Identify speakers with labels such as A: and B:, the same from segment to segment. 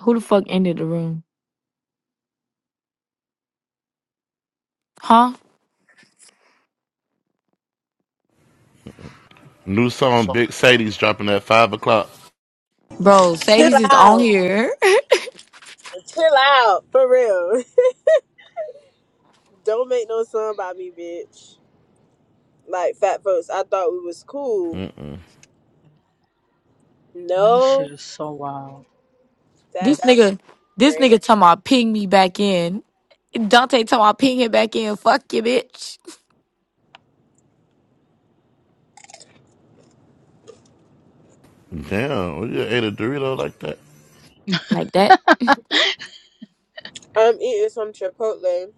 A: Who the fuck ended the room? Huh?
B: New song, Big Sadie's dropping at five o'clock.
A: Bro,
C: Chill
A: Sadie's is on
C: out.
A: here.
C: Chill out. For real. Don't make no song about me, bitch. Like fat folks, I thought we was cool.
B: Mm-mm.
D: Man, this
C: No,
D: shit is so wild.
A: This
C: that's
A: nigga, this
C: great.
A: nigga talking about ping me back in. Dante talking about ping him back in. Fuck you, bitch.
B: Damn, when you ate a Dorito like that,
A: Like that?
C: I'm eating some Chipotle.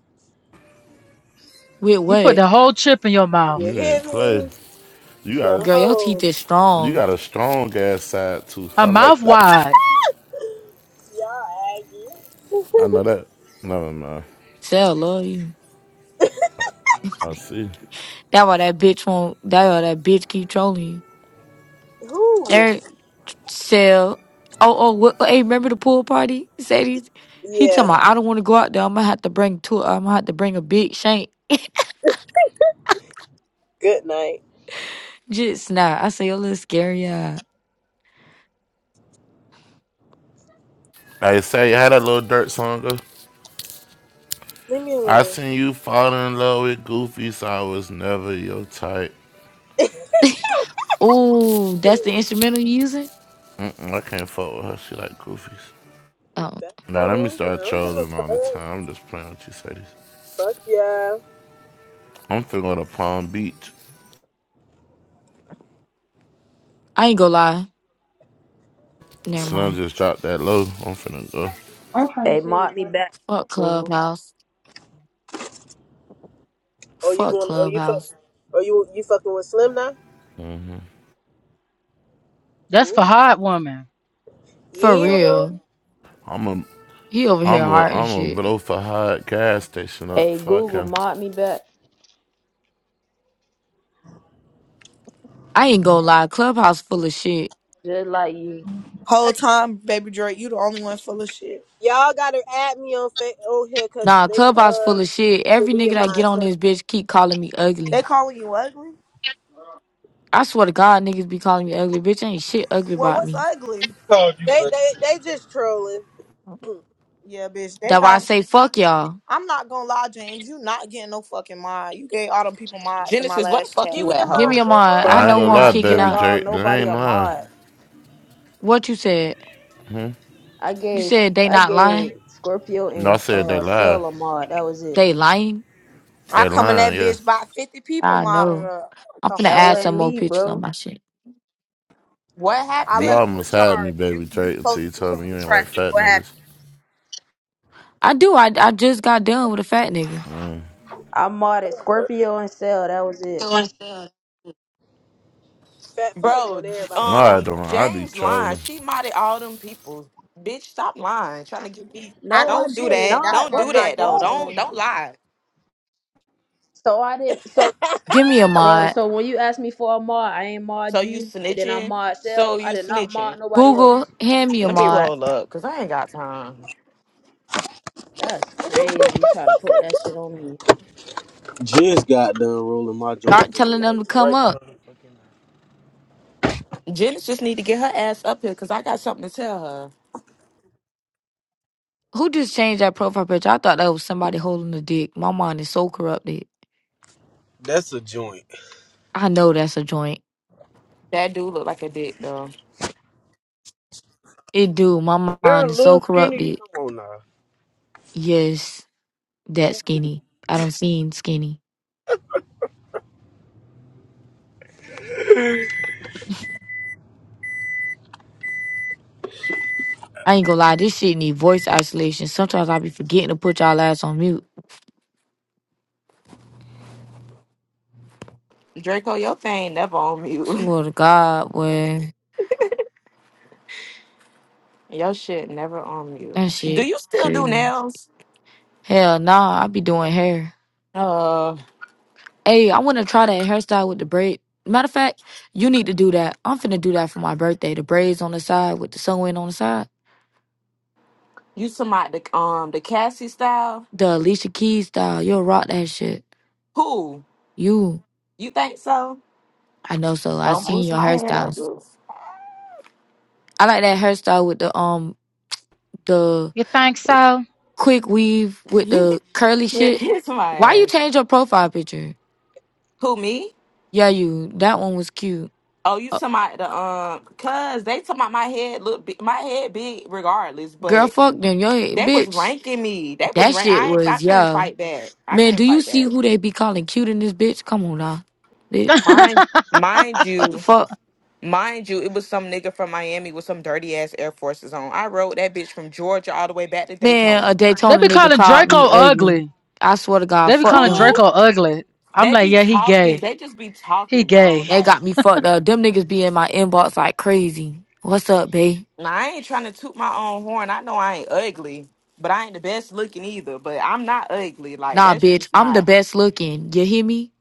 A: With
D: You put
A: what?
D: the whole chip in your
C: You
D: mouth.
B: you ain't
C: hear
B: play.
C: me?
B: You got
C: The
A: Girl, your teeth
C: whole
A: is
B: you
A: strong.
B: got a strong ass side tooth.
D: Her
B: I
D: mouth
B: like that.
D: wide.
C: y'all Aggie.
B: I know that. Never mind.
A: Sell love you.
B: I see.
A: That why that bitch won't, that why that bitch keep trolling you.
C: Who?
A: There, Sell. Oh, oh, what, hey, remember the pool party? Sadie's? He
C: Yeah.
A: talking about, I don't want to go out there. I'm gonna have to bring two, I'm gonna have to bring a big shank.
C: Good night.
A: Just nah. I say, your little scary eye.
B: I say you had a little dirt song. go.
C: Leave me
B: I
C: alone.
B: seen you fall in love with Goofy, so I was never your type.
A: Ooh, that's the instrumental you using?
B: Mm-mm, I can't fuck with her. She like Goofies.
A: Oh,
C: That's
B: Now let me
C: cool. I
B: start
C: don't give a
B: trolling
C: fuck.
B: all the time. I'm just playing with you, Sadie.
C: Fuck yeah.
B: I'm feeling a Palm Beach.
A: I ain't gonna lie. Never
B: Slim
A: mind.
B: just dropped that low. I'm finna go.
E: I'm trying to Hey, see. mod me what. back,
A: Fuck
E: Google.
A: Clubhouse.
C: Oh, you
A: Fuck
C: going? Oh, you fuck?
A: Clubhouse.
C: Oh, you you fucking with Slim now?
B: Mm-hmm.
D: That's for
C: Ooh.
D: hard woman.
C: You
A: For
C: ain't
A: real.
C: wrong.
B: I'm a
A: He over here
B: I'm a
A: hard and
B: I'm a
A: shit.
B: blow for hot gas station up.
E: Hey,
B: Fuck
E: Google,
B: him.
E: mod me back.
A: I ain't gonna lie. Clubhouse full of shit.
E: Just like you.
F: Whole time, baby Drake, you the only one full of shit.
C: Y'all gotta add me on fa- on here because
A: Nah,
C: they
A: Clubhouse full
C: um
A: of shit. Every nigga
C: deleted
A: that
C: my
A: get on
C: account.
A: this bitch keep calling me
F: They
A: ugly.
F: calling you ugly?
A: I swear to God, niggas be calling me ugly. Bitch, ain't shit ugly
F: Well,
A: about
F: what's
A: me.
F: ugly?
G: called you
C: They
G: ugly.
C: they they just trolling.
F: Yeah, bitch, they
A: That why I
F: got.
A: say fuck y'all.
F: I'm not gonna lie, James. You not getting no fucking mod. You gave all them people mods in my
H: Genesis, where the
F: last
H: fuck
F: chat.
C: Give
H: you
C: me a
H: at,
F: So
A: Give me
H: hoe?
C: mod,
A: a mind.
C: Google.
A: I
E: Bro,
B: I
E: I
B: ain't
A: know who
E: did
B: gonna
A: I'm
B: lie,
E: not
A: kicking
E: give
B: baby
A: out.
E: all
B: Drake. They
E: nobody
B: ain't
E: a
B: lying.
E: mod.
A: What you said?
E: I
A: You
E: gave
A: said they
E: I
A: not
E: gave
A: lying?
E: Scorpio
B: No, I
E: and
B: said they
E: uh
B: lie.
E: Cell a mod. That was it.
A: They lying?
F: I
B: They
F: come in
B: lying,
F: that
B: yeah.
F: bitch by 50 people
A: I
F: modded
A: know.
F: up. What
A: I'm
F: the
A: finna
F: fuck?
E: That
A: add
E: wasn't
A: some more
E: me,
A: pictures on
E: bro.
A: my shit.
H: What
F: I
B: You
H: happened,
F: left you in
B: almost had me,
F: charge. You
B: baby
F: you
B: Drake,
F: supposed
B: until
F: to
B: you told
F: control
B: me
F: the
B: you ain't like
F: traffic.
B: fat
F: What
B: niggas.
F: happened?
A: I do. I, I just got done with a fat nigga.
E: I modded Scorpio and Cell. That was it.
C: Fat folks more
H: bro?
C: than
H: J-
C: everybody.
B: No, I
H: Um,
B: don't. I be
H: James lying.
B: trolling.
H: She modded all them people. Bitch, stop lying. Trying to get me.
F: I
E: No, I
F: know
H: Don't
F: she
H: do
E: did
F: did.
H: that.
F: That's
E: not.
H: Don't
F: why
H: do
F: I'm
E: What the
F: not
H: that though.
F: giving
E: fuck?
F: no
H: Don't
F: one.
H: don't lie.
E: So I didn't. So,
A: Give me a
E: bro.
A: mod.
E: So when you asked me for a mod, I ain't
H: So
E: mod
H: you
E: you, and then I
H: snitching.
E: mod
H: So
E: Cell. I
H: you
E: did not mod
H: snitching.
E: nobody else.
A: Google, hand me a
H: Let me
A: mod.
H: roll up, cause I ain't got time.
E: That's crazy. You trying to put that shit on me?
G: Just got done rolling my joint
A: Start
G: in the
A: telling them to
G: light.
A: come up.
H: Genesis just need to get her ass up here, cause I got something to tell her.
A: Who just changed that profile picture? I thought that was somebody holding a dick. My mind is so corrupted.
G: That's a joint.
A: I know that's a joint.
H: That dude look like a dick though.
A: It do. My
G: They're a
A: mind is so
G: little skinny.
A: corrupted.
G: Come on now.
A: Yes, that skinny. I don't seen skinny. I ain't gonna lie. This shit need voice isolation. Sometimes I be forgetting to put y'all ass on mute.
H: Draco, your thing never on mute.
A: Swear to God, boy.
H: Your shit never on mute.
A: That
H: Do
A: shit
H: you still do
A: crazy.
H: nails?
A: Hell nah, I be doing hair.
H: Uh.
A: Hey, I wanna try that hairstyle with the braid. Matter of fact, you need to do that. I'm finna do that for my birthday. The braids on the side with the sewing on the side.
H: You talking about the um the Cassie style?
A: The Alicia Keys style. You'll rock that shit.
H: Who?
A: You,
H: You think so?
A: I know. So I
H: Don't
A: seen
H: boost
A: your
H: my head up,
A: hairstyles.
H: boost.
A: I like that hairstyle with the um the
D: You think so?
A: quick weave with the
H: You'll
A: curly shit.
H: kiss my
A: Why you
H: ass.
A: change your profile picture?
H: Who me?
A: Yeah, you. That one was cute.
H: Oh, you
A: Uh,
H: talking about the um? Cause they talking about my head look big, my head big regardless,
A: girl,
H: but
A: fuck them. Yo,
H: that was
A: bitch.
H: ranking me. That was
A: That
H: rank.
A: shit
H: I I
A: was
H: couldn't
A: yeah.
H: fight back. I
A: Man, do
H: couldn't
A: you
H: fight
A: see
H: back.
A: who they be calling cute in this bitch? Come on now, bitch.
H: Mind
D: they
H: mind
A: What the
H: you.
A: fuck?
H: Mind you, it was some nigga from Miami with some dirty ass Air Forces on. I rode that bitch from Georgia all the way back to
A: Man, a
H: Daytona.
A: Daytona
D: be
A: nigga
D: calling
A: called
D: Draco
A: me ugly.
D: ugly.
A: I swear to God,
D: They be
A: fuck
D: calling
A: them.
H: Who?
D: Draco ugly. I'm
H: They
D: like,
H: be
D: yeah, he
H: talking.
D: gay.
H: They just be
D: He
H: talking, bro.
D: gay.
A: They
H: Like,
A: got me fucked up. Them niggas be in my inbox like crazy. What's up, bae?
H: nah, I ain't trying to toot my own horn. I know I ain't ugly, but I ain't the best looking either. But I'm not ugly. Like,
A: Nah,
H: that's
A: bitch,
H: just
A: I'm the
H: not.
A: best looking. You hear me?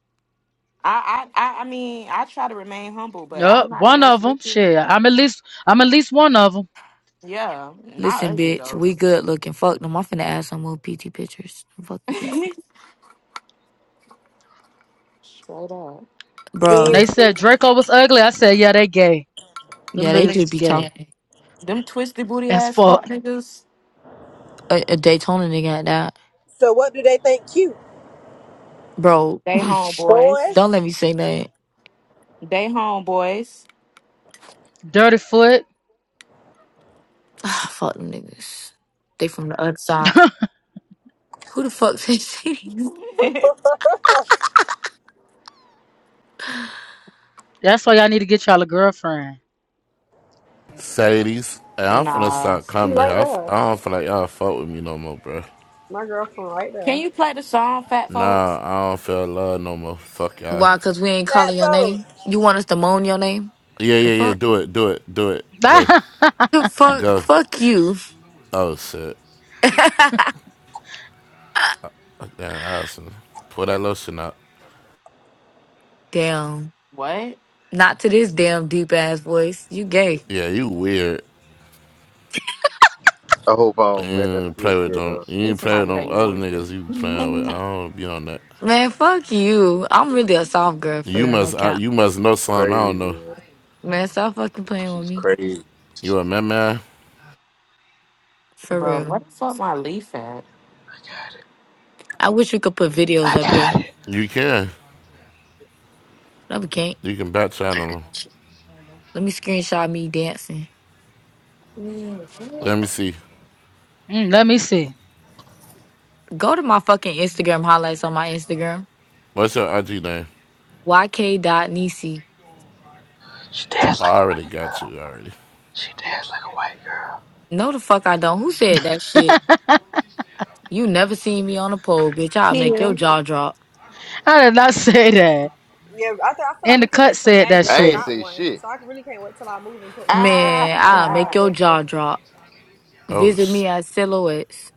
H: I, I, I, I mean, I try to remain humble, but I'm
D: Yup,
H: not the
D: one of
H: best
D: them.
H: looking.
D: Shit, I'm at least, I'm at least one of them.
H: Yeah, not
A: Listen,
H: ugly
A: bitch,
H: though.
A: we good looking. Fuck them. I'm finna add some more PT pictures. Fucking bitch.
H: Straight up.
D: When
C: Yeah.
D: they
A: Bro,
D: said Draco was ugly, I said, yeah, they gay. Them
A: yeah, they
D: niggas
A: could
D: is
A: be
D: gay.
A: talking.
H: Them twisty booty
D: As
H: ass
D: fuck.
H: fuck niggas.
A: A, a Daytona nigga at that.
C: so what do they think cute,
A: Bro,
H: They
C: boy?
H: homeboys.
A: don't let me say that.
H: They homeboys.
D: Dirty foot.
A: Ah fuck them niggas. They from the other side. Who the fuck says these?
C: fat
D: That's why y'all need to get y'all a girlfriend.
B: Sadies. Hey, I'm finna
H: nah.
B: stop
I: She
B: coming here.
I: right
B: I, f-
I: there.
B: I don't feel like y'all fuck with me no more, bro.
I: My girlfriend right
H: Can
I: there.
H: you play the song, Fat
B: Nah,
H: Folks?
B: I don't feel love no more. Fuck y'all.
A: Why? Cause we ain't calling your name.
C: folks.
A: You want us to moan your name?
B: Yeah,
A: The
B: yeah, yeah.
A: fuck.
B: Do it, do it, do it. Go,
A: The fuck.
B: go.
A: Fuck you.
B: Oh shit. Yeah, Allison. Pull that lotion out.
A: damn.
H: What?
A: Not to this damn deep ass voice. You gay.
B: Yeah, you weird.
J: I hope I
B: You
J: don't marry
B: ain't
J: a big
B: play with them.
J: girl.
B: You ain't
H: This you
B: play with
H: might know
B: them
H: you
B: other
H: weird.
B: niggas you playing with. I don't be on that.
A: Man, fuck you. I'm really a soft girl for
B: You
A: real, no
B: must. I,
A: cap.
B: you must know something I
J: Crazy,
B: don't know.
J: man.
A: Man, stop fucking playing with
J: She's
A: me.
J: crazy.
B: You a man, man?
A: For
H: Bro,
A: real.
H: what the fuck my leaf at?
A: I wish we could put videos up here.
B: You can.
A: No, we can't.
B: You can back channel them.
A: Let me screenshot me dancing.
H: Mhm.
B: Let me see.
D: Mm, let me see.
A: Go to my fucking Instagram highlights on my Instagram.
B: What's your IG name?
A: YK dot Nisi.
J: She dance
B: I
J: like a
B: already
J: white girl.
B: got you already.
J: She dance like a white girl.
A: No, the fuck I don't. Who said that shit? You never seen me on a pole, bitch. I'll make your
H: Kill.
A: jaw drop.
D: I did not say that.
I: Yeah, I, th- I feel like
D: And the
I: we can
D: cut
I: make some
D: said that
I: magic.
J: I
I: I
J: ain't
D: shit.
I: got
J: say
I: one.
J: shit.
I: So I really can't wait till I move and put mine up,
A: Man,
I: B-
A: I'll
I: uh,
A: make
H: Ah,
A: your
I: Draco.
A: jaw drop.
B: Oh,
A: Visit
B: sh-
A: me at Silhouettes.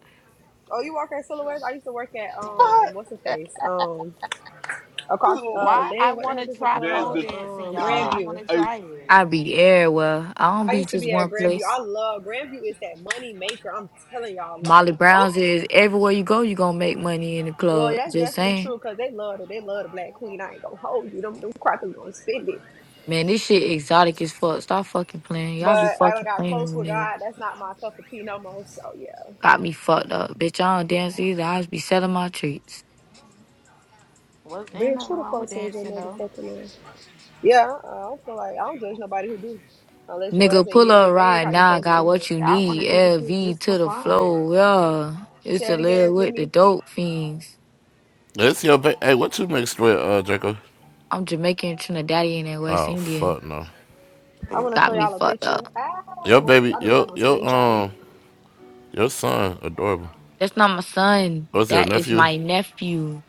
I: Oh, you work at Silhouettes? I used to work at, um, what's the face? Um, across, uh,
H: why I
I: dang, what the
H: want
I: heck
H: to
I: is the
H: try
J: Man's
H: pole
I: club?
J: good.
H: dancing,
I: Um,
H: y'all.
J: Oh,
H: I want
I: Grandview.
H: to
J: I
H: try it.
A: I be everywhere. I don't
I: I
A: be
I: used to
A: just
I: be at
A: one
I: Grandview.
A: place.
I: I love Grandview is that money maker. I'm telling y'all,
A: Molly
I: like, oh,
A: Brown's is everywhere you go, you gonna make money in the
I: well,
A: club.
I: that's
A: Just
I: definitely
A: saying.
I: true because they love it. They love the Black Queen. I ain't gonna hold you. Them, them crackers gonna spend it.
A: Man, this shit exotic as fuck. Stop fucking playing. Y'all be
I: But I done
A: fucking
I: got
A: playing
I: close
A: with
I: with
A: me, nigga.
I: God. That's not my cup of tea no more. So yeah.
A: Got me fucked up. Bitch, I don't dance either. I just be selling my treats.
H: Well, ain't
I: Bitch,
H: nothing
I: true to
H: wrong with
I: folks is your
H: dancing, though.
I: motherfucking name? Yeah, uh, I don't feel like I don't judge nobody who do, unless your ass
A: Nigga,
I: ain't
A: pull
I: getting your
A: up
I: bag
A: right
I: how you
A: now. I
I: supposed
A: Got
I: to.
H: Yeah,
A: what you
H: I want to
A: need.
H: do the shit
A: LV
H: just
A: to
H: for
A: the
H: fun.
A: flow. Yeah. Used
I: Say
A: to
I: it
A: live
I: again,
A: with the
I: Mimi.
A: dope fiends.
B: it's your ba- hey. What you mixed with, uh, Draco?
A: I'm Jamaican, Trinidadian, and West
B: Oh
A: Indian.
B: fuck no.
I: I want to show
A: Got me
I: y'all a
A: fucked
I: picture.
A: up.
I: Ah,
B: Your
I: what,
B: baby,
I: y'all know y'all
B: your
I: gonna
B: your
I: screenshot me.
B: um your son, adorable.
A: That's not my son.
B: What's your
A: That is
B: nephew?
A: my nephew.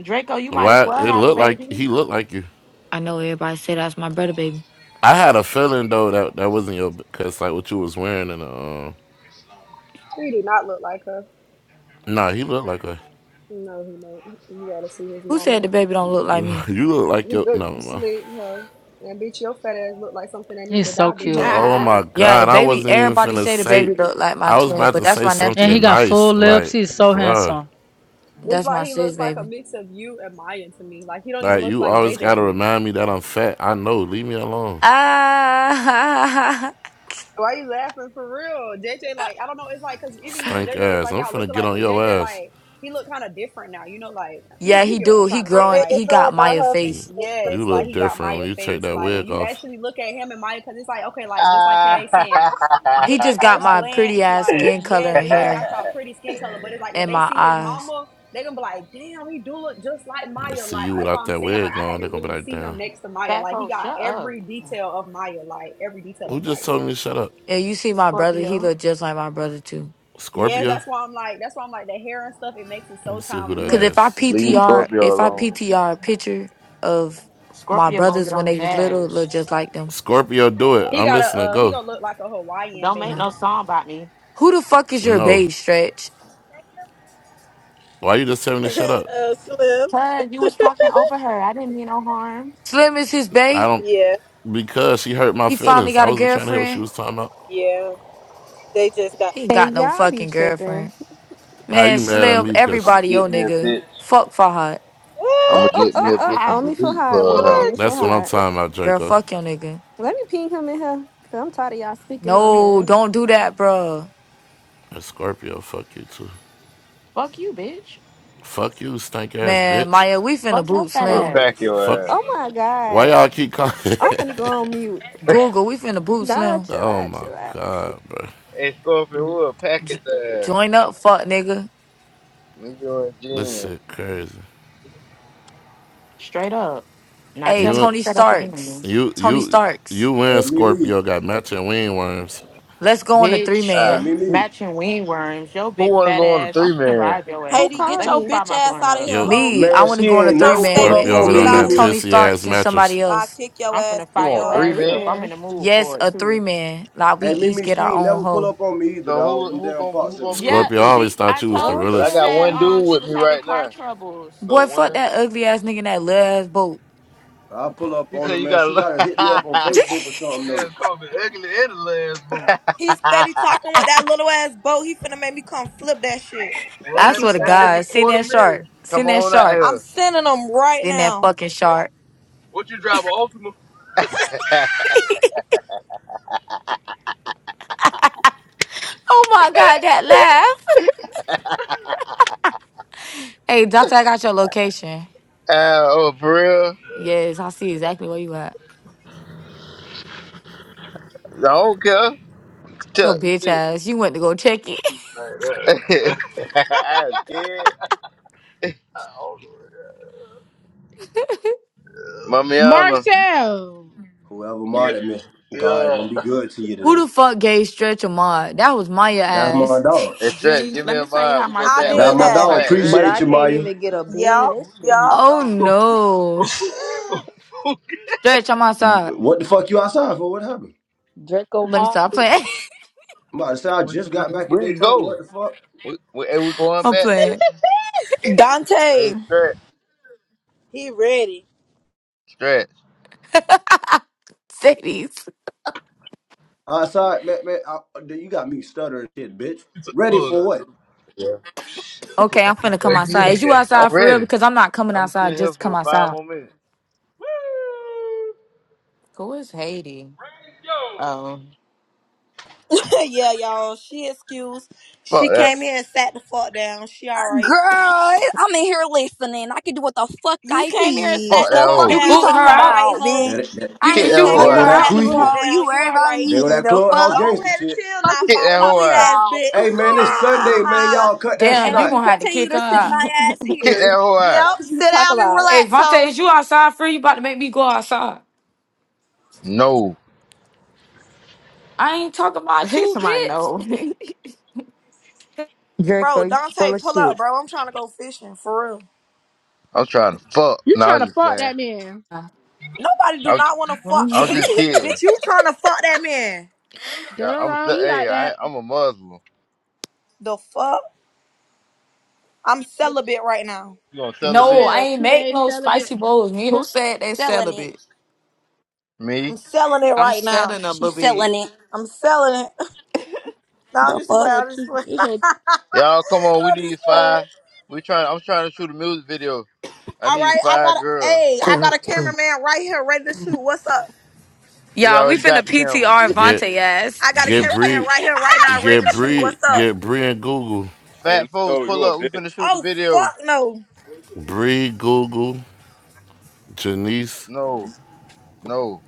H: Draco, you might
B: Why
H: as well
B: it
H: have a
B: looked like
H: baby.
B: he looked like you?
A: I know everybody say that's my brother, baby.
B: I had a feeling though that that wasn't your because like what you was wearing and um.
I: He do not look like her.
B: Nah, he looked like a.
I: No, he don't. You gotta see his
A: Who
I: mama.
A: said the baby don't look like me?
B: You look like
I: You
B: your
I: look
B: no. no.
I: slick, huh? And bitch, your fat ass look like something that need
D: He's
I: to
D: so
I: die, bitch, and
D: cute.
I: lose
B: Oh
H: Fat
B: my
I: weight.
A: Yeah, the
B: god, I
A: baby.
B: wasn't even
A: Everybody
B: finna
A: say the
B: say.
A: baby look like my
B: I was
A: twin,
B: about
A: but
B: to
A: that's
B: say
A: my
D: And he
B: something
A: nephew.
D: got
B: nice
D: full lips.
B: like,
D: He's so
B: bruh.
D: handsome.
I: It's
A: That's
I: like
A: my
I: he
A: sis,
I: looks like a
A: baby.
I: mix of you and Maya to me. Like he don't even
B: Like
I: look
B: you
I: like
B: always
I: JJ to
B: gotta
I: me.
B: remind me that I'm fat. I know. Leave me alone.
A: Ah,
I: Why you laughing for real? JJ, like, I don't know. It's like, cause even you and
B: Stink
I: JJ, it's
B: ass.
I: like
B: I'm
I: y'all look
B: finna get
I: alike,
B: on
I: but
B: your
I: JJ,
B: ass.
I: like, he look kind of different now. You know, like, you know,
A: yeah,
I: you
A: he
I: get what I'm
A: do. He
I: trying to
C: I
I: say.
A: growing.
C: made this
I: Like,
A: He
C: song
A: got
C: about
A: Maya
C: her fat
A: face.
C: folks, not
B: You
I: yes, like
B: look
I: he got
B: different when
I: Maya
B: you take
I: face.
B: that
I: Like when
B: wig
I: you
B: off.
I: actually look at him and Maya, cause it's like, okay, like just like they saying,
A: He
I: look at
A: just got
I: first
A: my pretty
I: glance,
A: ass
I: like,
A: skin color
I: yes,
A: and
I: it's like he got
A: hair
I: y'all pretty skin color, but it's like if
A: and
I: they
A: my
I: see his
A: eyes.
I: mama, they gonna be like, damn, he do look just like
B: They
I: Maya.
B: see
I: Like
B: you
I: that's why
B: without
I: I'm
B: that
I: saying, like,
B: wig
I: I had
B: on,
I: to
B: they're gonna be
I: really
B: like,
I: see him
B: damn.
I: next to Maya. Like he
H: folks,
I: got
H: shut up.
I: every detail of Maya, like every detail
B: Who
I: of Maya.
B: just told me to shut up?
A: And you see
H: It's
A: my brother, he
H: Scorpio.
A: look just like my brother too.
I: Yes,
B: Scorpio?
I: that's why I'm like, that's why I'm like the hair and stuff. It makes it
B: Let
I: so
B: me see who
I: times
B: that
A: Cause
I: worse.
A: if I
B: is.
J: leave, leave
A: PTR,
J: Scorpio
A: if I
J: alone.
A: PTR a picture of my
H: Scorpio gonna
A: brothers
H: get
A: when
H: on
A: they
H: his
A: was little, it
H: ass.
A: look just like them.
B: Scorpio, do it.
I: He
B: I'm
I: got a,
B: listening.
I: uh, he
B: Go.
I: gonna look like a Hawaiian
H: Don't
I: baby.
H: make
A: Yeah.
H: no song about me.
A: Who the fuck is your
B: No.
A: bae, Stretch?
B: Why you just telling me to
C: me.
B: shut up?
C: uh, Slim.
H: Cuz you was talking over her. I didn't mean no harm.
A: Slim is his
B: I
A: bae?
B: don't.
C: Yeah,
B: Because she hurt my
A: He finally
B: feelings. I
A: got a
B: wasn't trying to hear what she
A: girlfriend?
B: was talking about.
C: yeah. They just got.
A: He ain't
K: Hey,
A: got no
K: y'all be
A: fucking
K: tripping.
A: girlfriend.
B: How
A: Man,
B: you mad at
A: Slim,
B: me?
J: I'm
B: Because
J: gonna
A: everybody
J: get
A: your
J: me a
A: nigga.
J: bitch.
A: Fuck Fahad.
J: I'm gonna
K: Oh, oh,
J: get
K: oh,
J: me a
K: oh.
J: bitch and
H: Ah,
K: Only for
J: delete
K: high, boo.
J: Clubhouse.
K: Only for
B: that's what I'm
K: high.
B: talking about,
A: Girl,
B: Draco.
A: fuck your nigga.
K: Let me ping him in here. Cause I'm tired of y'all speaking on
A: No,
K: him.
A: don't do that, bruh.
B: And Scorpio, fuck you too.
H: Fuck you, bitch.
B: Fuck you, stank ass
A: Man,
B: bitch.
A: Maya, we finna
H: Fuck your
A: boot
H: fat
J: We'll
A: Slim.
J: pack
H: ass.
B: Fuck.
J: your ass.
K: Oh my
B: Why
K: God.
B: y'all keep calling?
K: I'm finna go on mute.
A: Google, we finna boot
K: Nah,
A: Slim.
K: chill
B: oh
K: out,
B: my
K: chill out.
B: god, bro.
J: Hey Scorpio, we'll pack his
A: J-
J: ass.
A: join up, fuck nigga.
J: Me, you, and
B: This
J: Jen.
B: shit crazy.
H: Straight up. Now
A: Hey,
H: tell me to
B: You
A: Tony
H: shut up again.
A: Starks.
B: You
A: Tony
B: you
A: Starks.
B: you
L: Hey
B: and
L: Mimi,
B: Scorpio got matching wing worms.
A: Let's go on a three
H: Bitch.
L: hey
J: Ah,
A: man.
L: Mimi,
H: Matching wing worms. Yo
J: who
H: big
J: wanna
H: fat
J: go on a
H: ass. I'm
J: three
H: finna
J: man?
H: ride your ass
K: Who
F: Haiti,
H: now.
F: get
K: called
H: Let me
F: your
K: me?
H: fire
F: bitch
H: my
F: ass
H: blunt
F: out of
H: up.
F: here,
B: Yo,
F: hoe.
A: Me, I
L: man,
A: wanna
L: she
A: go on a
L: ain't
F: You
A: three
L: never
F: not
A: man
L: pull
F: safe,
L: up
A: with
B: Scorpio
F: bitch.
L: on
B: over there
L: me,
F: Get
B: on
A: me,
F: out of
B: that
L: Mimi.
F: here.
A: Tony
B: pissy ass
A: Starks, and
B: mattress.
A: somebody
F: Bye.
A: else.
F: Kick your
H: I'm
F: ass,
H: finna
J: You
F: pussy
H: fire
J: on
H: your
K: A
J: three,
F: hoe.
H: ass
K: three
H: up. I'm
J: man?
H: in
K: man.
H: the mood
A: Yes,
H: for it
A: a three
H: too.
A: man. Like we
L: Hey
A: each
L: Mimi,
A: get
L: she
A: our
L: ain't
A: own
L: never pull
A: hoe.
L: up on me either,
J: So
L: dog.
J: who
L: Them
J: who
L: damn
J: gonna
L: pot
J: who gonna
L: sippers.
J: be with
H: Yeah,
B: Scorpio I
J: you?
B: always
H: she
B: thought
H: I
B: you was the
H: told you
J: Cause I
H: she
B: realest.
K: Okay.
J: got
H: said
J: one
H: um
J: dude
H: she
J: with
H: was
J: me
H: having
J: right
H: car
J: now.
H: troubles.
J: So
A: Boy, fuck
J: one,
A: that ugly ass nigga in that little ass boat.
L: I pull up
J: he
L: on
J: said
L: her,
J: you
L: man.
J: got. to
L: She
J: look.
L: gotta hit me up on Facebook or something
J: Damn,
L: though.
J: call me ugly and the
F: He
J: last
F: steady
J: boot.
F: talking with that little ass boat. He finna make me come flip that shit.
J: Well,
A: I
I: Thank
J: that
I: you,
A: swear to
J: that
I: Salam.
J: bitch a
A: God, seen
J: quarter
A: that shark.
J: million.
A: Seen
J: Come
A: that
J: on out
A: shark.
F: I'm
J: here.
F: sending him right
A: Seen that
F: now.
A: fucking shark.
J: What you drive a Ultima? uh,
A: Oh my God, that laugh. Hey, doctor, I got your location.
J: oh, for real?
A: Yes, I see exactly where you at.
J: I don't care.
A: Your
J: Tell-
A: bitch
J: shit.
A: ass. You went to go check it.
J: Like that. I'm scared. Mamiana,
M: Marcel,
L: Whoever
J: Yeah,
L: modded me, God is
J: yeah.
L: gonna be good to you
A: Who
L: today.
A: the fuck gave Stretch a mod? That was Maya
L: That's my
A: ass.
L: dog.
J: and stretch,
H: Jenny,
J: give me
H: let me
J: a
H: tell you
J: mind.
H: how
J: We go
F: I
J: back
H: Marcel was
J: like
L: That's
F: did
L: my
H: talking
J: four
F: that.
L: dog.
H: about you
J: flat.
E: But
L: Appreciate
E: I
L: you,
H: earlier.
E: can't
L: Maya.
E: even get a bean.
F: Yup,
E: That shit
F: yup.
A: oh
E: dumb.
A: no. Stretch, I'm outside.
L: What the fuck you outside for? What happened?
E: Draco
A: Let me
E: Mall
A: stop
E: be
A: playing.
L: I'm about to say I
J: we
L: just got back in
J: can
L: Daytona.
J: go.
L: What the fuck?
J: We, we, hey, we going
A: I'm
J: back.
A: playing.
J: Hey,
F: Dante.
J: stretch,
C: he ready.
J: stretch.
A: Say
L: Outside, man, man. I, you got me stuttering, shit, bitch. Ready
J: Plug
L: for
J: out, dude.
L: what?
J: Yeah, Put
A: Okay, I'm
J: that
A: finna
J: bitch
A: come
J: back
A: outside.
J: in.
A: Is you
J: Yeah.
A: outside
J: I'm
A: for real?
J: ready.
A: Because I'm not coming
J: I'm
A: outside
J: sitting
A: just
J: here
A: to come
J: for five
A: outside.
J: more minutes. Woo!
H: Who is Haiti?
J: Ready, to go.
H: Oh.
F: yeah, y'all. She excused.
J: Fuck
F: She
J: that.
F: came here and sat the fuck down. She alright.
N: Girl, I'm in here listening. I can do what the fuck
F: You
N: I
F: came here and sat
J: Fuck
N: please.
F: the
N: The
J: that
F: fuck
N: fuck
J: hoe.
A: You
N: you
F: down.
A: boot her
F: You
N: talking
A: out?
F: alright,
N: about,
F: ho.
L: That
N: bitch?
L: that, that,
A: You
N: I
J: Kick
N: ain't
F: You
A: did
N: even
J: that
A: you
F: came
J: hoe
A: boot
F: here
A: her
N: looking
L: go
F: and
J: out.
L: that
N: at
A: out?
F: sat the
N: you,
L: tweaking.
F: fuck
N: hoe. You
F: down. You
N: worry about
F: alright.
L: They
N: me.
L: were that
N: The
L: clubhouse
N: fuck?
F: Go
L: gangster
F: ahead and
L: shit.
F: chill
N: Fuck
F: now,
N: is
J: Kick
N: you
J: that
F: fire
J: hoe
F: move
N: talking
F: your
J: out.
F: ass,
N: about?
L: Hey
F: bitch.
L: man, it's Sunday, man. Y'all cut that shit
N: and
A: Damn, you're
N: I'm
L: out.
N: gonna
A: gonna have to
N: continue
A: kick her
N: to sit
A: out.
N: my ass
J: Kick that
N: here.
J: hoe out.
N: Fuck
F: Yep.
N: is you
F: Sit
N: talking
F: down and
N: about?
A: Hey
F: relax,
A: Vontae,
F: ho.
A: is you outside for real? You about to make me go outside.
J: No,
A: I ain't talking about
H: Here's
A: you,
H: my
A: bitch.
H: no.
F: Bro,
O: Draco, you
F: Dante,
O: full of
F: pull up,
O: shit.
F: bro. I'm trying to go fishing for real.
J: I'm trying to fuck.
M: you
J: No, I'm
M: trying to
J: just
M: fuck
J: playing.
M: that man?
F: Nobody do
J: I'm,
F: not want to fuck
J: I'm just
F: him.
J: kidding.
F: Bitch, you trying to fuck that man.
J: Yeah,
M: Dirt on
J: I'm,
M: arm,
J: se-
M: you
J: hey,
M: like
J: I,
M: that?
J: I'm a Muslim.
F: The fuck? I'm celibate right now.
J: You gonna tell a
A: No,
J: bitch?
A: I
M: Chill.
A: ain't
M: Two
A: make
M: days
A: no
M: celibate.
A: spicy bowls,
H: Who
A: neither.
H: said they
N: Selling it.
H: celibate?
J: Me?
F: I'm selling it
H: I'm
F: right now.
H: selling a little
N: She's
H: bit.
N: selling it.
F: I'm selling it. No, I'm
N: The
F: just
M: This
F: playing.
N: fuck?
M: whole
F: I'm just
M: two.
F: playing.
M: This whole.
J: Y'all come on, we
F: I'm just
J: need
F: playing.
J: five. We trying I'm trying to shoot a music video. I
F: All
J: need
F: right, I
J: five
F: got a,
J: girls.
F: hey, I got a cameraman right here ready to shoot. What's up?
J: We
A: Y'all, we
J: already
A: finna
J: got the camera.
A: PTR
B: Get
A: Vontae ass.
F: I got a
B: get
F: cameraman
B: Bree
F: right here right now ready
B: get
F: to shoot.
B: Bree
F: What's up?
B: get Bree and Google.
P: Hey,
J: Fat folks,
P: no,
J: pull
P: you a
J: up, we finna
P: bitch.
J: shoot the
F: Oh,
J: video.
F: fuck no.
B: Bree Google Janice.
J: No, no.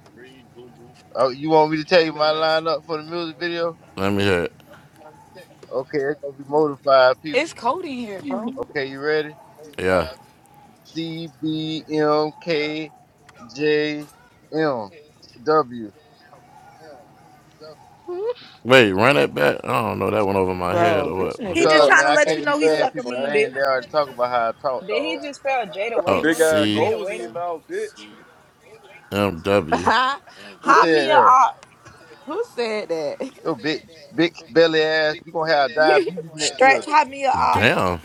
J: Oh, you want me to tell you
A: Leave that
J: my
A: mess.
J: lineup for the music video?
B: Let me hear it.
J: Okay, it's gonna be more than five
A: It's
J: people.
A: cold in here, bro.
J: Okay, you ready?
B: Yeah.
J: C B M K J M W.
M: Hmm?
B: Wait, run it back. I don't know. That went over my head
H: Bro,
B: or
H: this
B: what.
F: He
H: nigga
P: J-
F: just
P: Yo,
J: Cause
F: trying
J: man,
F: to
J: I
H: tripping.
F: let
P: I
F: you
J: can't
P: can't
J: be
F: know he
J: saying
P: spell,
F: suck a
J: people
F: mean
P: man.
F: dick.
J: names.
P: You
J: They already talk about how I talk,
I: Did he
J: dog.
I: just spell Jada
P: got them
B: Oh,
P: big
I: Waver?
P: ass
B: C
I: Jada
P: goals in your
I: Waiter?
P: mouth, bitch.
B: M W.
J: Who
H: who,
F: High me
J: said that?
F: up.
H: who said that?
J: Yo, big, big belly ass. You gonna have diabetes next
F: Stretch
J: year.
F: high me up.
B: Damn.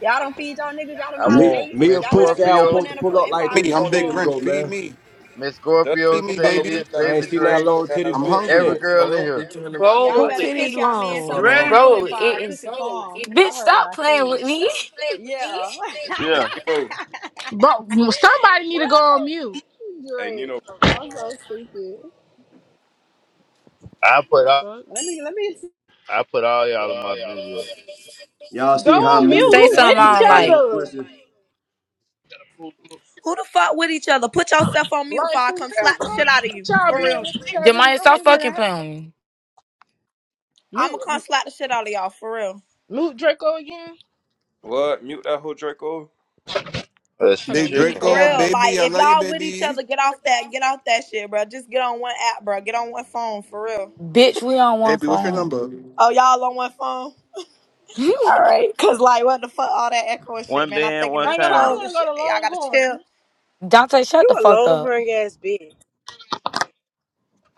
I: Y'all don't feed y'all niggas. Y'all don't
J: I
I: know how to
L: Me,
J: want
I: bake.
L: me a
J: Miss
I: Y'all better
L: pussy I
I: cook
L: was
I: some
J: Scorpio,
L: supposed to
I: banana
L: pull up
I: pudding before
L: like
I: I
L: three,
Q: me.
I: cook
Q: I'm
I: it
L: four
Q: Big
L: days
I: for him.
Q: Grinch.
L: ago,
Q: Feed
L: man.
Q: me.
J: Miss
P: Just
J: Scorpio,
P: 'cause you
Q: Feed me,
P: ain't got no
J: Sadie,
Q: baby.
P: bitch that can
L: I ain't
J: Baby
P: feed
L: seen
P: your
L: that
J: Drake,
L: long
P: skinny
L: titty
P: ass
Q: I'm
P: don't
L: bitch
P: mean
Q: hungry.
J: every
P: nothing.
L: since.
A: No,
P: Fuck
J: girl in
P: that.
A: don't be
J: here.
A: doing the Bro, shit
I: Y'all
H: who
A: like
I: better
A: it,
I: cook
H: titties
I: y'all
A: been here
I: man
A: for a
J: You
I: some
H: long?
A: long
I: banana
J: ready?
A: bro,
I: pudding
A: time.
I: before I
A: it
I: cook
A: is.
I: it
A: so.
I: for him.
A: Bitch,
I: Y'all heard what
A: stop
I: I
A: playing with
I: said.
A: me.
I: Yeah.
P: Hey,
J: Yeah.
P: Nino.
M: But somebody need to go on mute.
P: Hey,
I: Drake,
P: Nino.
I: I'm so stupid.
J: I put
M: The
J: all,
M: fuck?
I: Let me, let me,
J: I put all y'all in my video.
L: Y'all
M: Go
L: see how
M: on mute.
L: Mia
A: Say
L: just
M: Who with
L: asked
A: something
L: me to
A: I
M: each
A: don't
L: shave
A: like.
L: her
M: other?
L: pussy?
F: Who the fuck with each other? Put yourself on mute before
M: Like
F: I
M: for
F: come
M: real,
F: slap the shit out of
M: bro.
F: you.
M: Y'all
F: For
M: being
F: real.
M: with each other. I
A: Jemiah,
M: don't
A: stop
M: want to hear
A: fucking
M: that.
A: playing with me.
F: I'ma come
M: Mute.
F: slap the shit out of y'all. For real.
M: Mute Draco again.
P: What? Mute that whole Draco?
J: Uh, she
M: Hold
Q: Big
M: on. We didn't
J: chicken.
F: For
M: say
Q: Draco,
M: all
F: real.
M: that.
F: Like
Q: baby. I
F: if
Q: love you,
F: y'all with each
Q: baby.
F: other, get off that get off that shit, bro. Just get on one app, bro. Get on one phone. For real.
A: Bitch, we on one
Q: Baby, what's your
A: phone.
Q: number?
F: Oh, y'all on one phone? All right. Cause like what the fuck all that echo and shit,
J: One
F: man. I'm
J: band,
F: thinking
J: one
M: I
F: it's
M: ain't gonna lie. I
J: town.
F: trolls
M: want
F: and
M: to go
F: shit.
M: to
F: Man. Y'all gotta chill.
M: Longhorn.
A: Dante, shut
C: You
A: the
C: a
A: fuck
C: long
A: up.
C: hung ass bitch.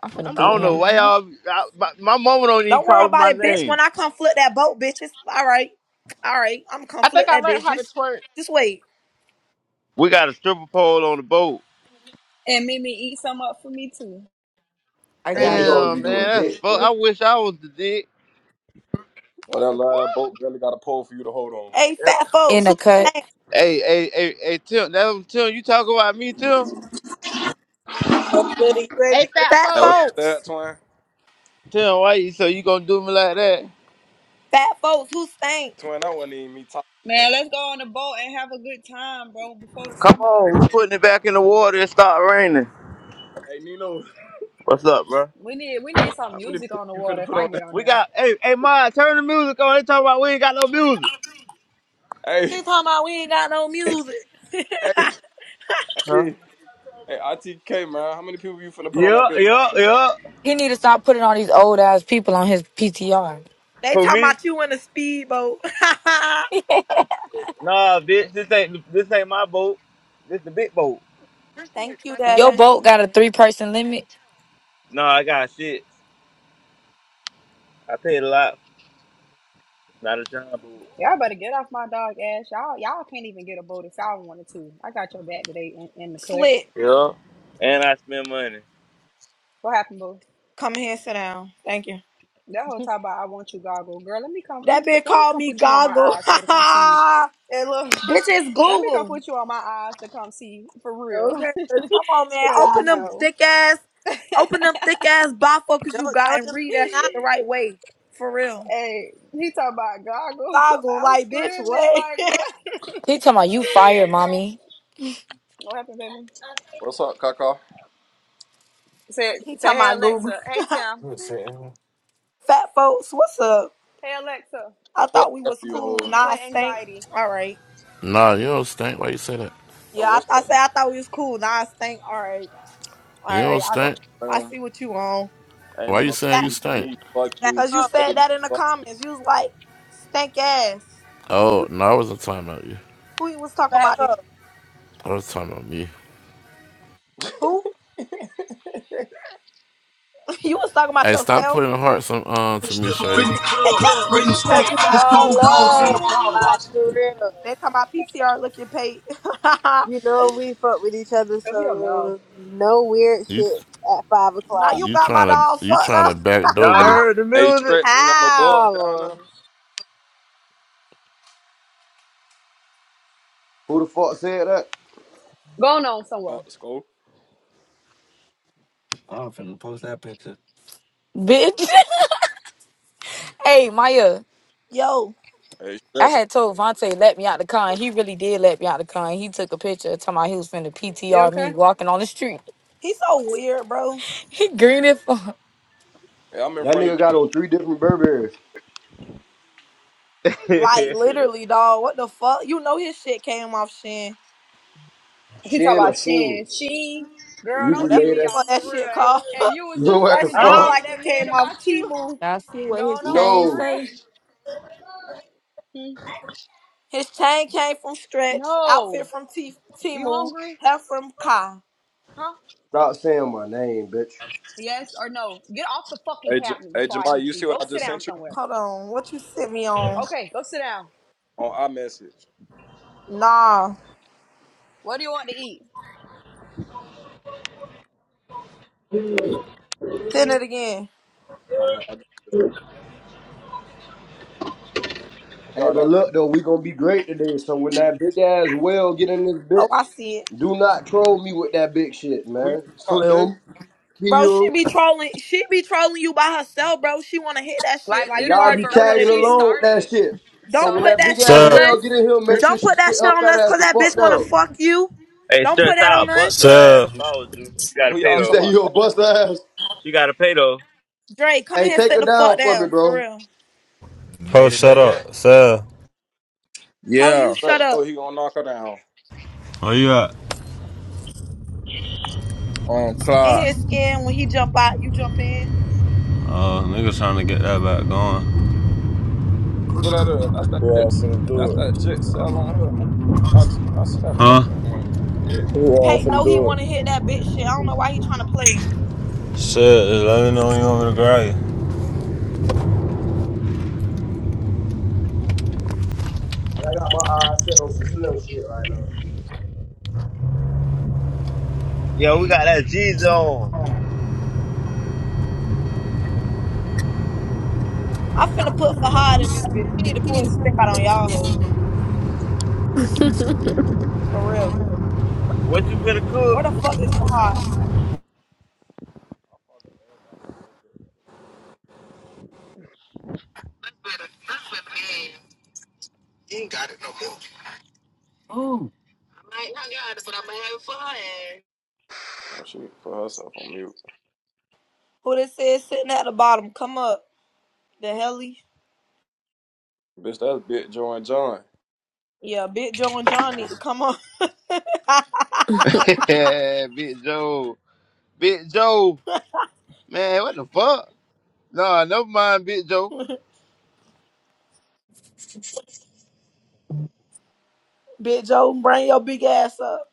A: I'm finna
M: I'm
J: I
A: boot
J: don't know
A: him.
J: why
M: hungry.
J: y'all. I, my, my mama don't even
F: Don't worry
J: call me
F: about
J: my
F: it, bitch. When
J: name.
F: I come flip that boat, bitches. All right. All right. I'ma come
M: I
F: flip
M: think I
F: that
M: learned
F: bitch.
M: how to
F: Just
M: twerk.
F: just wait.
J: We got a stripper pole on the boat.
I: and Mimi eat some up for me too.
H: I
L: Hey, these
H: got you.
L: hoes
J: Damn,
L: be
J: man,
L: doing
J: that's
L: dick,
J: fuck.
L: boy.
J: I wish I was the dick.
P: Or
M: What
P: that
M: the fuck?
P: live boat really got a pole for you to hold on.
F: Hey,
J: Yep.
F: fat
A: In
F: folks,
A: the
F: who
A: cut.
F: stink?
J: Hey, hey, hey, hey, Tim. That was Tim. You talk about me, Tim?
C: So good. Are you ready
M: Hey,
C: to get
M: fat
F: Fat
P: Hey,
C: on
P: what
C: the
P: you
M: folks.
P: said,
F: folks.
P: twin?
J: Tim, why you so you gonna do me like that?
F: Fat folks, who stink?
P: Twin, that wasn't even me talking.
I: Man, let's go on the boat and have a good time, bro, before the
J: Come
I: summer
J: on,
P: Twin.
I: over.
J: we putting it back in the water. It start raining.
P: Hey, Nino.
J: What's up, bro?
I: We need we need some
P: How many
I: music
P: people
I: on the
P: you
I: water
P: finna
I: if
P: put
I: I
P: on
I: get
P: that?
I: on
J: We
I: there.
J: got hey hey Ma, turn the music on. They talking about we ain't got no music.
P: Hey,
F: He talking about we ain't got no music.
P: hey,
J: Huh?
P: hey. Hey, ITK, man. How many people you finna put on that
J: Yeah,
P: bitch?
J: yeah, yeah.
A: He need to stop putting all these old ass people on his PTR.
F: they
J: For
F: talking
J: me,
F: about you in a speedboat.
J: nah, bitch, this ain't this ain't my boat. This the big boat.
F: Thank you,
A: Your
F: Daddy.
A: boat got a three person limit.
J: Nah, I got shit. I paid a lot. Not a time boat.
I: Y'all better get off my dog ass. Y'all y'all can't even get a boat if y'all wanted to. I got your back today in, in the cut.
F: Slit.
J: Yeah. And I spend money.
I: What happened, boo?
F: Come here, and sit down. Thank you.
I: That whole time about I want you goggle. Girl, let me come let me
F: That
I: put
F: bitch
I: let me
F: called
I: come
F: me
I: put you on my
F: goggle.
I: eyes so to come see you. And look,
F: bitch is
I: let me come
F: Google.
I: put you on my eyes to come see for
C: boat?
I: real.
C: Okay, let's get
F: Come on,
C: the
F: man.
I: Cause
F: Open them
C: goggles.
I: no.
F: thick ass, open them thick ass bifocals you
C: Don't
F: got
C: don't
F: and
C: delete
F: read
C: it
F: that
C: now.
F: shit the right way. For real.
I: Hey, he talking about goggle.
F: Goggle,
I: I'm
F: like bitch,
I: screaming
F: what?
I: like what?
A: He talking about you fired, mommy.
I: What happened, baby?
P: What's up, Kaka?
I: Say,
F: he
I: say,
F: talking
I: hey
F: about Google.
I: Alexa. Hey Tim.
F: Fat folks, what's up?
I: Hey Alexa.
F: I
P: Fuck
F: thought we
P: the
F: was
P: you
F: cool.
P: hoes.
F: Nah, I
I: Play
F: stink.
I: anxiety.
F: All right.
B: Nah, you don't stink. Why you say that?
P: Oh,
F: Yeah, I,
P: what's
F: th- I
P: up,
F: said I thought we was cool. Now I think, all right, all
B: You
F: right,
B: don't stink.
F: I, I
P: Room.
F: see what you on.
P: Ain't
B: Why
P: even
B: you
P: gonna
B: saying you
C: Back
P: be
B: stink?
P: me. Fuck
C: back
P: you,
F: Cause you
C: up,
F: said
P: baby.
F: that in the
P: Fuck.
F: comments. You was like, stink ass. Who,
B: Oh no, I wasn't talking about you.
F: who you was talking
C: back
F: about? Then?
C: up.
B: I was talking about me.
F: Who? you was talking about
B: Hey, stop putting
F: yourself.
B: hearts on um, to me,
J: Y'all
B: Shirley.
I: Mhm.
C: Cause it's all love, like for real.
F: They talking about PTR looking paid. now
C: You know we fuck with each other,
I: Cover your mouth.
C: so no weird
B: You
C: shit at five o'clock.
F: you
B: you
F: got my
B: trying to
F: dog
B: you
F: fucked
B: trying to
F: up.
B: backdoor
P: Hey,
B: me?
J: heard the
P: hey, stretch. You ain't got no bugs down
C: How?
P: there.
L: Who the fuck said that?
I: Going on
P: Oh,
I: somewhere.
P: let
A: Bitch. Hey, Maya,
F: Yo,
P: Hey,
A: I
P: stretch.
A: had told Vontae let me out the car, and he really did let me out the car. and He took a picture talking about he was finna
I: You
A: PTR me
I: okay?
A: walking on the street.
F: he's so weird, bro.
A: He green it for.
P: Hey, I'm in
L: That
P: front of.
L: nigga got on three different Burberrys.
F: Like
J: music?
F: literally, dog. What the fuck? You know his shit came off Shin.
I: She talk
L: Shin or
I: about
L: Sheen.
I: Shin. She, girl,
L: You
I: don't
L: just
F: Whatever
I: pee
F: the
L: made
I: me
L: that.
I: off
F: fuck
I: for
F: that
I: real.
F: shit called.
I: And, and you was just
L: Look what
F: That
L: the
I: talking
F: shit
I: junk
F: look
J: huh?
L: fuck.
I: about
F: like
I: that
F: it
I: man
F: came
I: about
F: off
I: you.
F: Timu.
O: Y'all see what his
I: Going on for
O: chain
L: No.
O: say?
I: real. Hmm.
F: His chain came from Stretch, outfit
I: No.
F: from T-
I: You
F: Timu,
I: hungry?
F: hair from Kai.
I: Huh?
L: Stop saying my name, bitch.
I: Yes or no? Get off the fucking
P: Hey, J-
I: cabinet
P: hey,
I: before I
P: Jamal.
I: hit
P: You
I: you.
P: see what
I: Go
P: I
I: sit
P: just
I: down
P: sent you
I: somewhere.
F: Hold on, what you sent me on?
I: Okay, go sit down.
P: on iMessage?
F: Nah,
I: What do you want to eat?
F: send it again.
P: All right, I just
L: Hey,
P: got
L: but
P: that.
L: look though, we gonna be great today. So when that big ass whale get in this
F: Oh,
L: bitch,
F: I see it.
L: do not troll me with that big shit,
P: Who you
L: man.
P: talking about,
L: Slim,
F: Bro, she
L: Kill,
F: be trolling. She be trolling you by herself, bro. She wanna hit that shit.
I: Like
F: Like you
L: y'all
I: literally
L: be
F: already
I: for
F: know what
I: real,
L: tagging
F: it
I: she
F: is.
L: along with that
I: started.
L: shit. So
F: Don't
L: when
F: put
I: So.
L: that
F: that
L: big
F: shit
L: ass
F: on
R: Sir,
F: us.
L: whale get in here,
P: dude?
L: make sure
F: Don't
L: she
F: put that
L: sit
F: shit
L: her
F: on
L: fat
F: us,
L: ass
F: cause
L: the
F: that bitch
L: fuck
F: wanna
L: down.
F: fuck you.
J: Hey,
F: Don't
J: Stretch,
F: put that
J: I'll
F: on us.
J: bust her ass
R: sir,
J: if I was you. She gotta
P: Who
J: pay
P: y'all
L: You
J: though.
P: talking
L: say
P: about?
L: you
P: Oh,
L: gonna bust her ass?
J: She gotta pay though.
F: Dre, come
L: Hey,
F: here and
L: take
F: sit
L: her
F: the fuck
L: down for me,
F: down, for
L: bro. And
F: real.
R: ho, shut up, sir.
F: How you
S: Yeah,
F: shut
P: man.
F: up
P: Oh, he gonna knock her down.
R: Where you at?
S: on
F: in
S: clock.
F: his skin when he jump out, you jump in.
R: Oh, uh, nigga trying to get that back going.
P: Who that is? That's
S: Who
P: that
S: all
P: Jits.
S: finna
P: That's
S: do it?
P: that Jits. Sell on her. I, I see that fuck,
R: Huh?
P: nigga. I'm going to shit.
S: Who all
F: Pate
S: finna
F: know he
S: do it?
F: wanna hit that bitch shit. I don't know why he trying to play.
R: Shit, just let me know when you want me to grab you.
L: I got my eyes set on some Slim shit right now.
J: Yo, we got that G's on.
F: I finna put Fahad in this bitch. He need to pull his stick out on y'all hoes.
K: okay.
F: For real.
J: What you finna
F: Where
J: cook?
F: the fuck is Fahad?
T: Better Not flip her ass. You ain't got it no more. Oh. I ain't got it, but I'm gonna have it for her ass.
P: Oh, she need to put herself on mute.
F: Who they said sitting at the bottom? Come up. The helly.
P: Bitch, that's Big Joe and John.
F: Yeah, Big Joe and John need to come up.
J: Big Joe. Big Joe. Man, what the fuck? Nah, never mind, Big Joe.
F: Big Joe, bring your big ass up.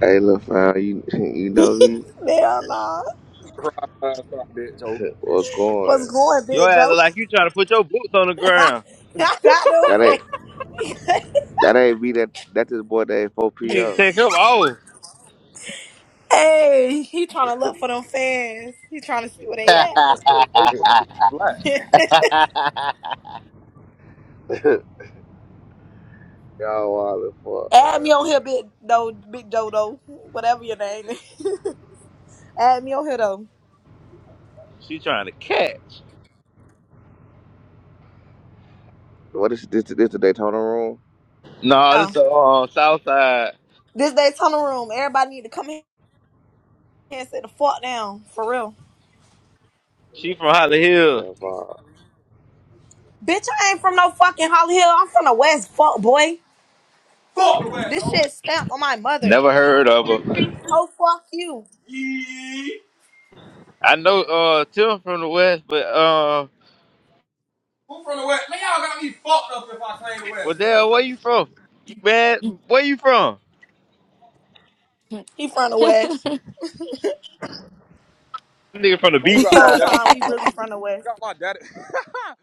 U: Hey, look, fam, you you know me?
F: Hell nah.
P: Right, right, right, Big Joe.
U: We're
F: What's
U: going.
F: going,
J: Your
F: Big
J: ass
F: Joe?
J: look like you trying to put your boots on the ground.
F: I got no
U: That ain't
F: fans.
U: that ain't me. That that's his boy. That four
J: You need to
U: PO.
J: take them off.
F: Hey, he trying to look for them fans. He trying to see where they
P: I say four pockets flat.
F: at.
U: Y'all wild as fuck.
F: Add
U: Man.
F: me on here, Big Doe, Big Dodo, whatever your name is. Add me on here though.
J: She trying to catch.
U: What is this? This the Daytona room?
J: Nah,
F: Yeah.
J: this the uh, South Side.
F: This day tunnel room. Everybody need to come here and sit the fuck down. For real.
J: She from Holly Hill.
U: Jam
F: Bitch, I ain't from no fucking Holly Hill. I'm from the West fuck boy. Fuck the West. This hoe. shit stamped on my mother.
J: Never
F: That whole
J: heard of
F: fuck
J: her.
F: the West. Oh fuck you. Yee.
J: I know uh Tim from the West, but
F: Who from the West? Man, y'all got me fucked up if I claim the
J: Well,
F: West, yo.
J: Dale, where you from? Man, where you from?
F: He from the West.
J: Nigga from the
P: Man, you
J: beach
P: got my
F: Whole
A: I
J: side.
P: daddy
F: time we
P: fucked up.
F: really from the West.
P: You got my daddy.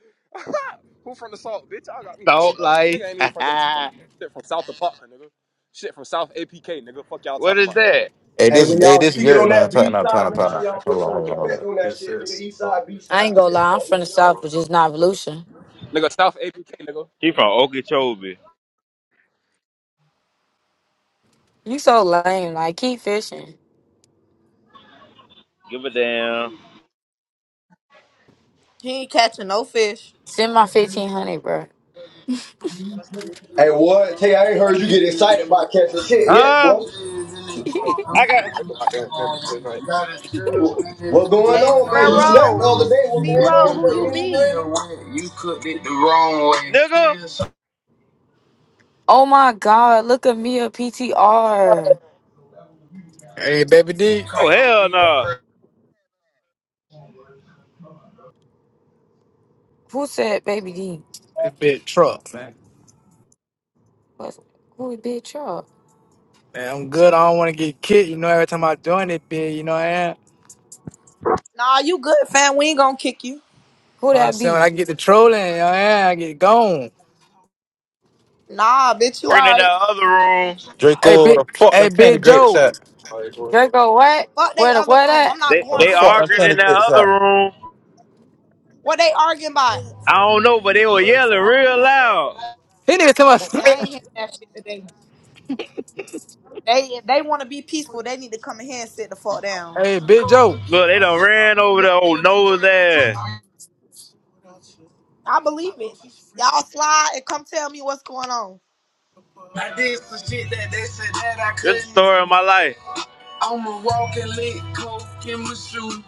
P: Who from the salt, bitch? I got me fucked
J: Salt
P: up. A
J: life.
P: nigga ain't even from Daytona, man. Shit from South Apartment, nigga. Shit from South APK, nigga. Fuck y'all
J: what
P: talking
J: is
P: about,
J: that?
V: Hey,
L: And
V: this
L: when
V: hey,
L: y'all
V: this
L: speaking on
V: Garrett man.
L: that
V: Time,
L: B
V: no,
L: side,
V: time,
L: make sure
V: time.
L: y'all put
V: Hold on,
L: some
V: hold on, hold
L: respect
V: on.
L: on that shit, nigga. East side, B side,
A: ain't gonna
L: shit.
A: lie, I'm
L: Fuck,
A: from the
L: nigga, Y'all
A: south, but
L: with me.
A: just not Volusia.
P: nigga. South APK, nigga.
J: He from Okeechobee.
A: You so lame. Like keep fishing.
J: Give a damn.
F: He ain't catching no fish.
A: Send my fifteen hundred, bro.
L: Hey, what? Tay, I ain't heard you get excited about catching shit yet,
J: Huh?
L: boy.
J: I got.
L: What going
F: Hey,
L: on, man? You snapped the
F: Pharaoh.
L: other day. What
F: C
L: going
F: Row,
L: on
F: who you
L: today? Ain't it
F: be?
L: raining?
J: Nigga?
A: oh my god, look at me a PTR.
W: Hey, baby D,
J: Oh, hell no. Nah.
A: Who said baby D?
W: this bitch truck, man.
A: What? Who it Chuck?
W: Man, I'm good. I don't want to get kicked. You know, every time I'm doing it, bitch, you know what I am. You know
F: Nah, you good, fam. We ain't gonna kick you.
A: Who
W: what I'm
A: that
W: saying? When
A: be?
W: I get the trolling, you know what I am. I get gone.
F: Nah, bitch, you
J: In that
F: alright.
J: other room.
W: Hey,
V: Draco,
W: big,
V: the fuck them
W: hey,
V: candy
W: big
V: grapes
W: Joe.
V: at?
A: Draco what?
F: Fuck they
A: Where the
F: other
A: what
F: room. I'm not
J: They
V: Or
F: going
V: the
J: they
F: to
V: fuck
F: that
V: them
J: arguing
F: shit.
J: in
V: candy
J: that
V: grapes
J: other
V: at?
J: room.
F: What they arguing about?
J: I don't know, but they were yelling real loud.
W: He nigga tell
F: See, I
W: my
F: ain't hearing that shit today. They if they want to be peaceful, they need to come in here and sit the fuck down.
W: Hey, big Joe.
J: Look, they done ran over the old nose ass.
F: I believe it. Y'all slide and come tell me what's going on.
J: I did some shit that they said that I This couldn't Good story of my life. I'm a walking lick, coke in my shoe.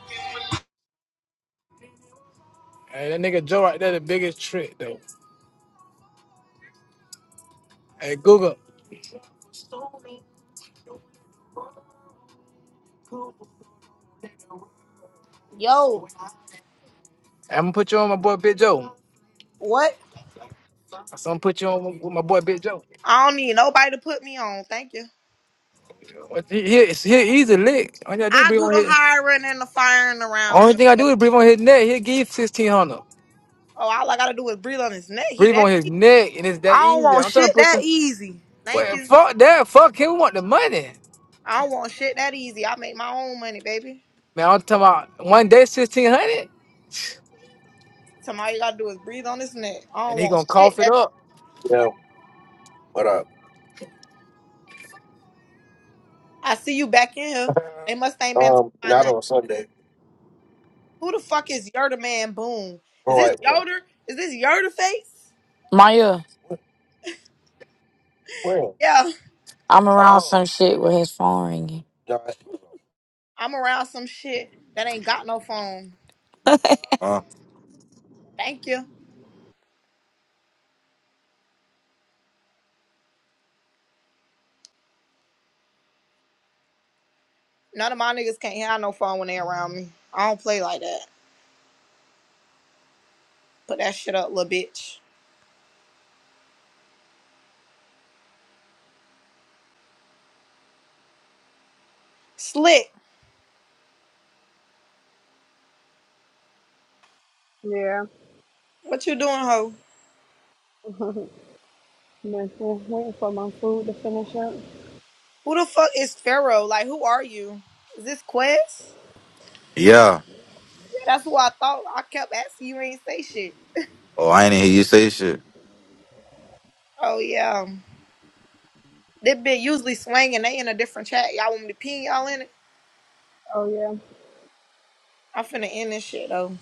W: Hey, that nigga Joe right there, the biggest trick though. Hey, Google,
F: Yo,
W: I'm gonna put you on my boy Big Joe.
F: what?
W: I'm gonna put you on with my boy Big Joe.
F: I don't need nobody to put me on. Thank you.
W: What- He, he, he he's a lick. All you I do is
F: I
W: breathe
F: do
W: on
F: the
W: his.
F: hiring and the firing around
W: Only
F: here.
W: thing I
F: boy.
W: do is breathe on his neck. He'll give you 1600.
F: Oh, all I gotta do is breathe on his neck. He
W: Breathe
F: that.
W: on his neck, and it's that
F: I don't
W: easy.
F: want
W: I'm trying to
F: shit
W: put
F: that
W: them.
F: easy. Thank
W: Well,
F: you.
W: fuck that. Fuck him. We want the money.
F: I don't want shit that easy. I make my own money, baby.
W: Man, I'm talking about one day, 1600
F: Somebody gotta do is breathe on his neck. I
W: and
F: don't
W: he going
F: want
W: to
F: shit
W: cough it
F: that
W: up.
A: at?
F: I see you back in here. They must ain't been talking
A: Um,
F: about
A: not
F: nothing.
A: on Sunday.
F: Who the fuck is Yoder Man Boom? Is
A: All
F: this
A: right, well,
F: Yoder? Is this Yoder face?
A: Maya, well.
F: Yeah,
A: I'm around Oh, some shit with his phone ringing. no.
F: I'm around some shit that ain't got no phone.
V: Uh,
F: Thank you. None of my niggas can't have no phone when they around me. I don't play like that. Put that shit up, little bitch. Slick,
I: Yeah.
F: what you doing, ho?
I: My phone waiting for my food to finish up.
F: Who the fuck is Pharaoh? Like, who are you? Is this Quest?
V: yeah.
F: Yeah, that's who I thought. I kept asking you, ain't say shit.
V: Oh, I ain't even hear you say shit.
F: Oh yeah. They been usually swinging. They in a different chat. Y'all want me to pin y'all in it?
I: Oh yeah,
F: I'm finna end this shit though.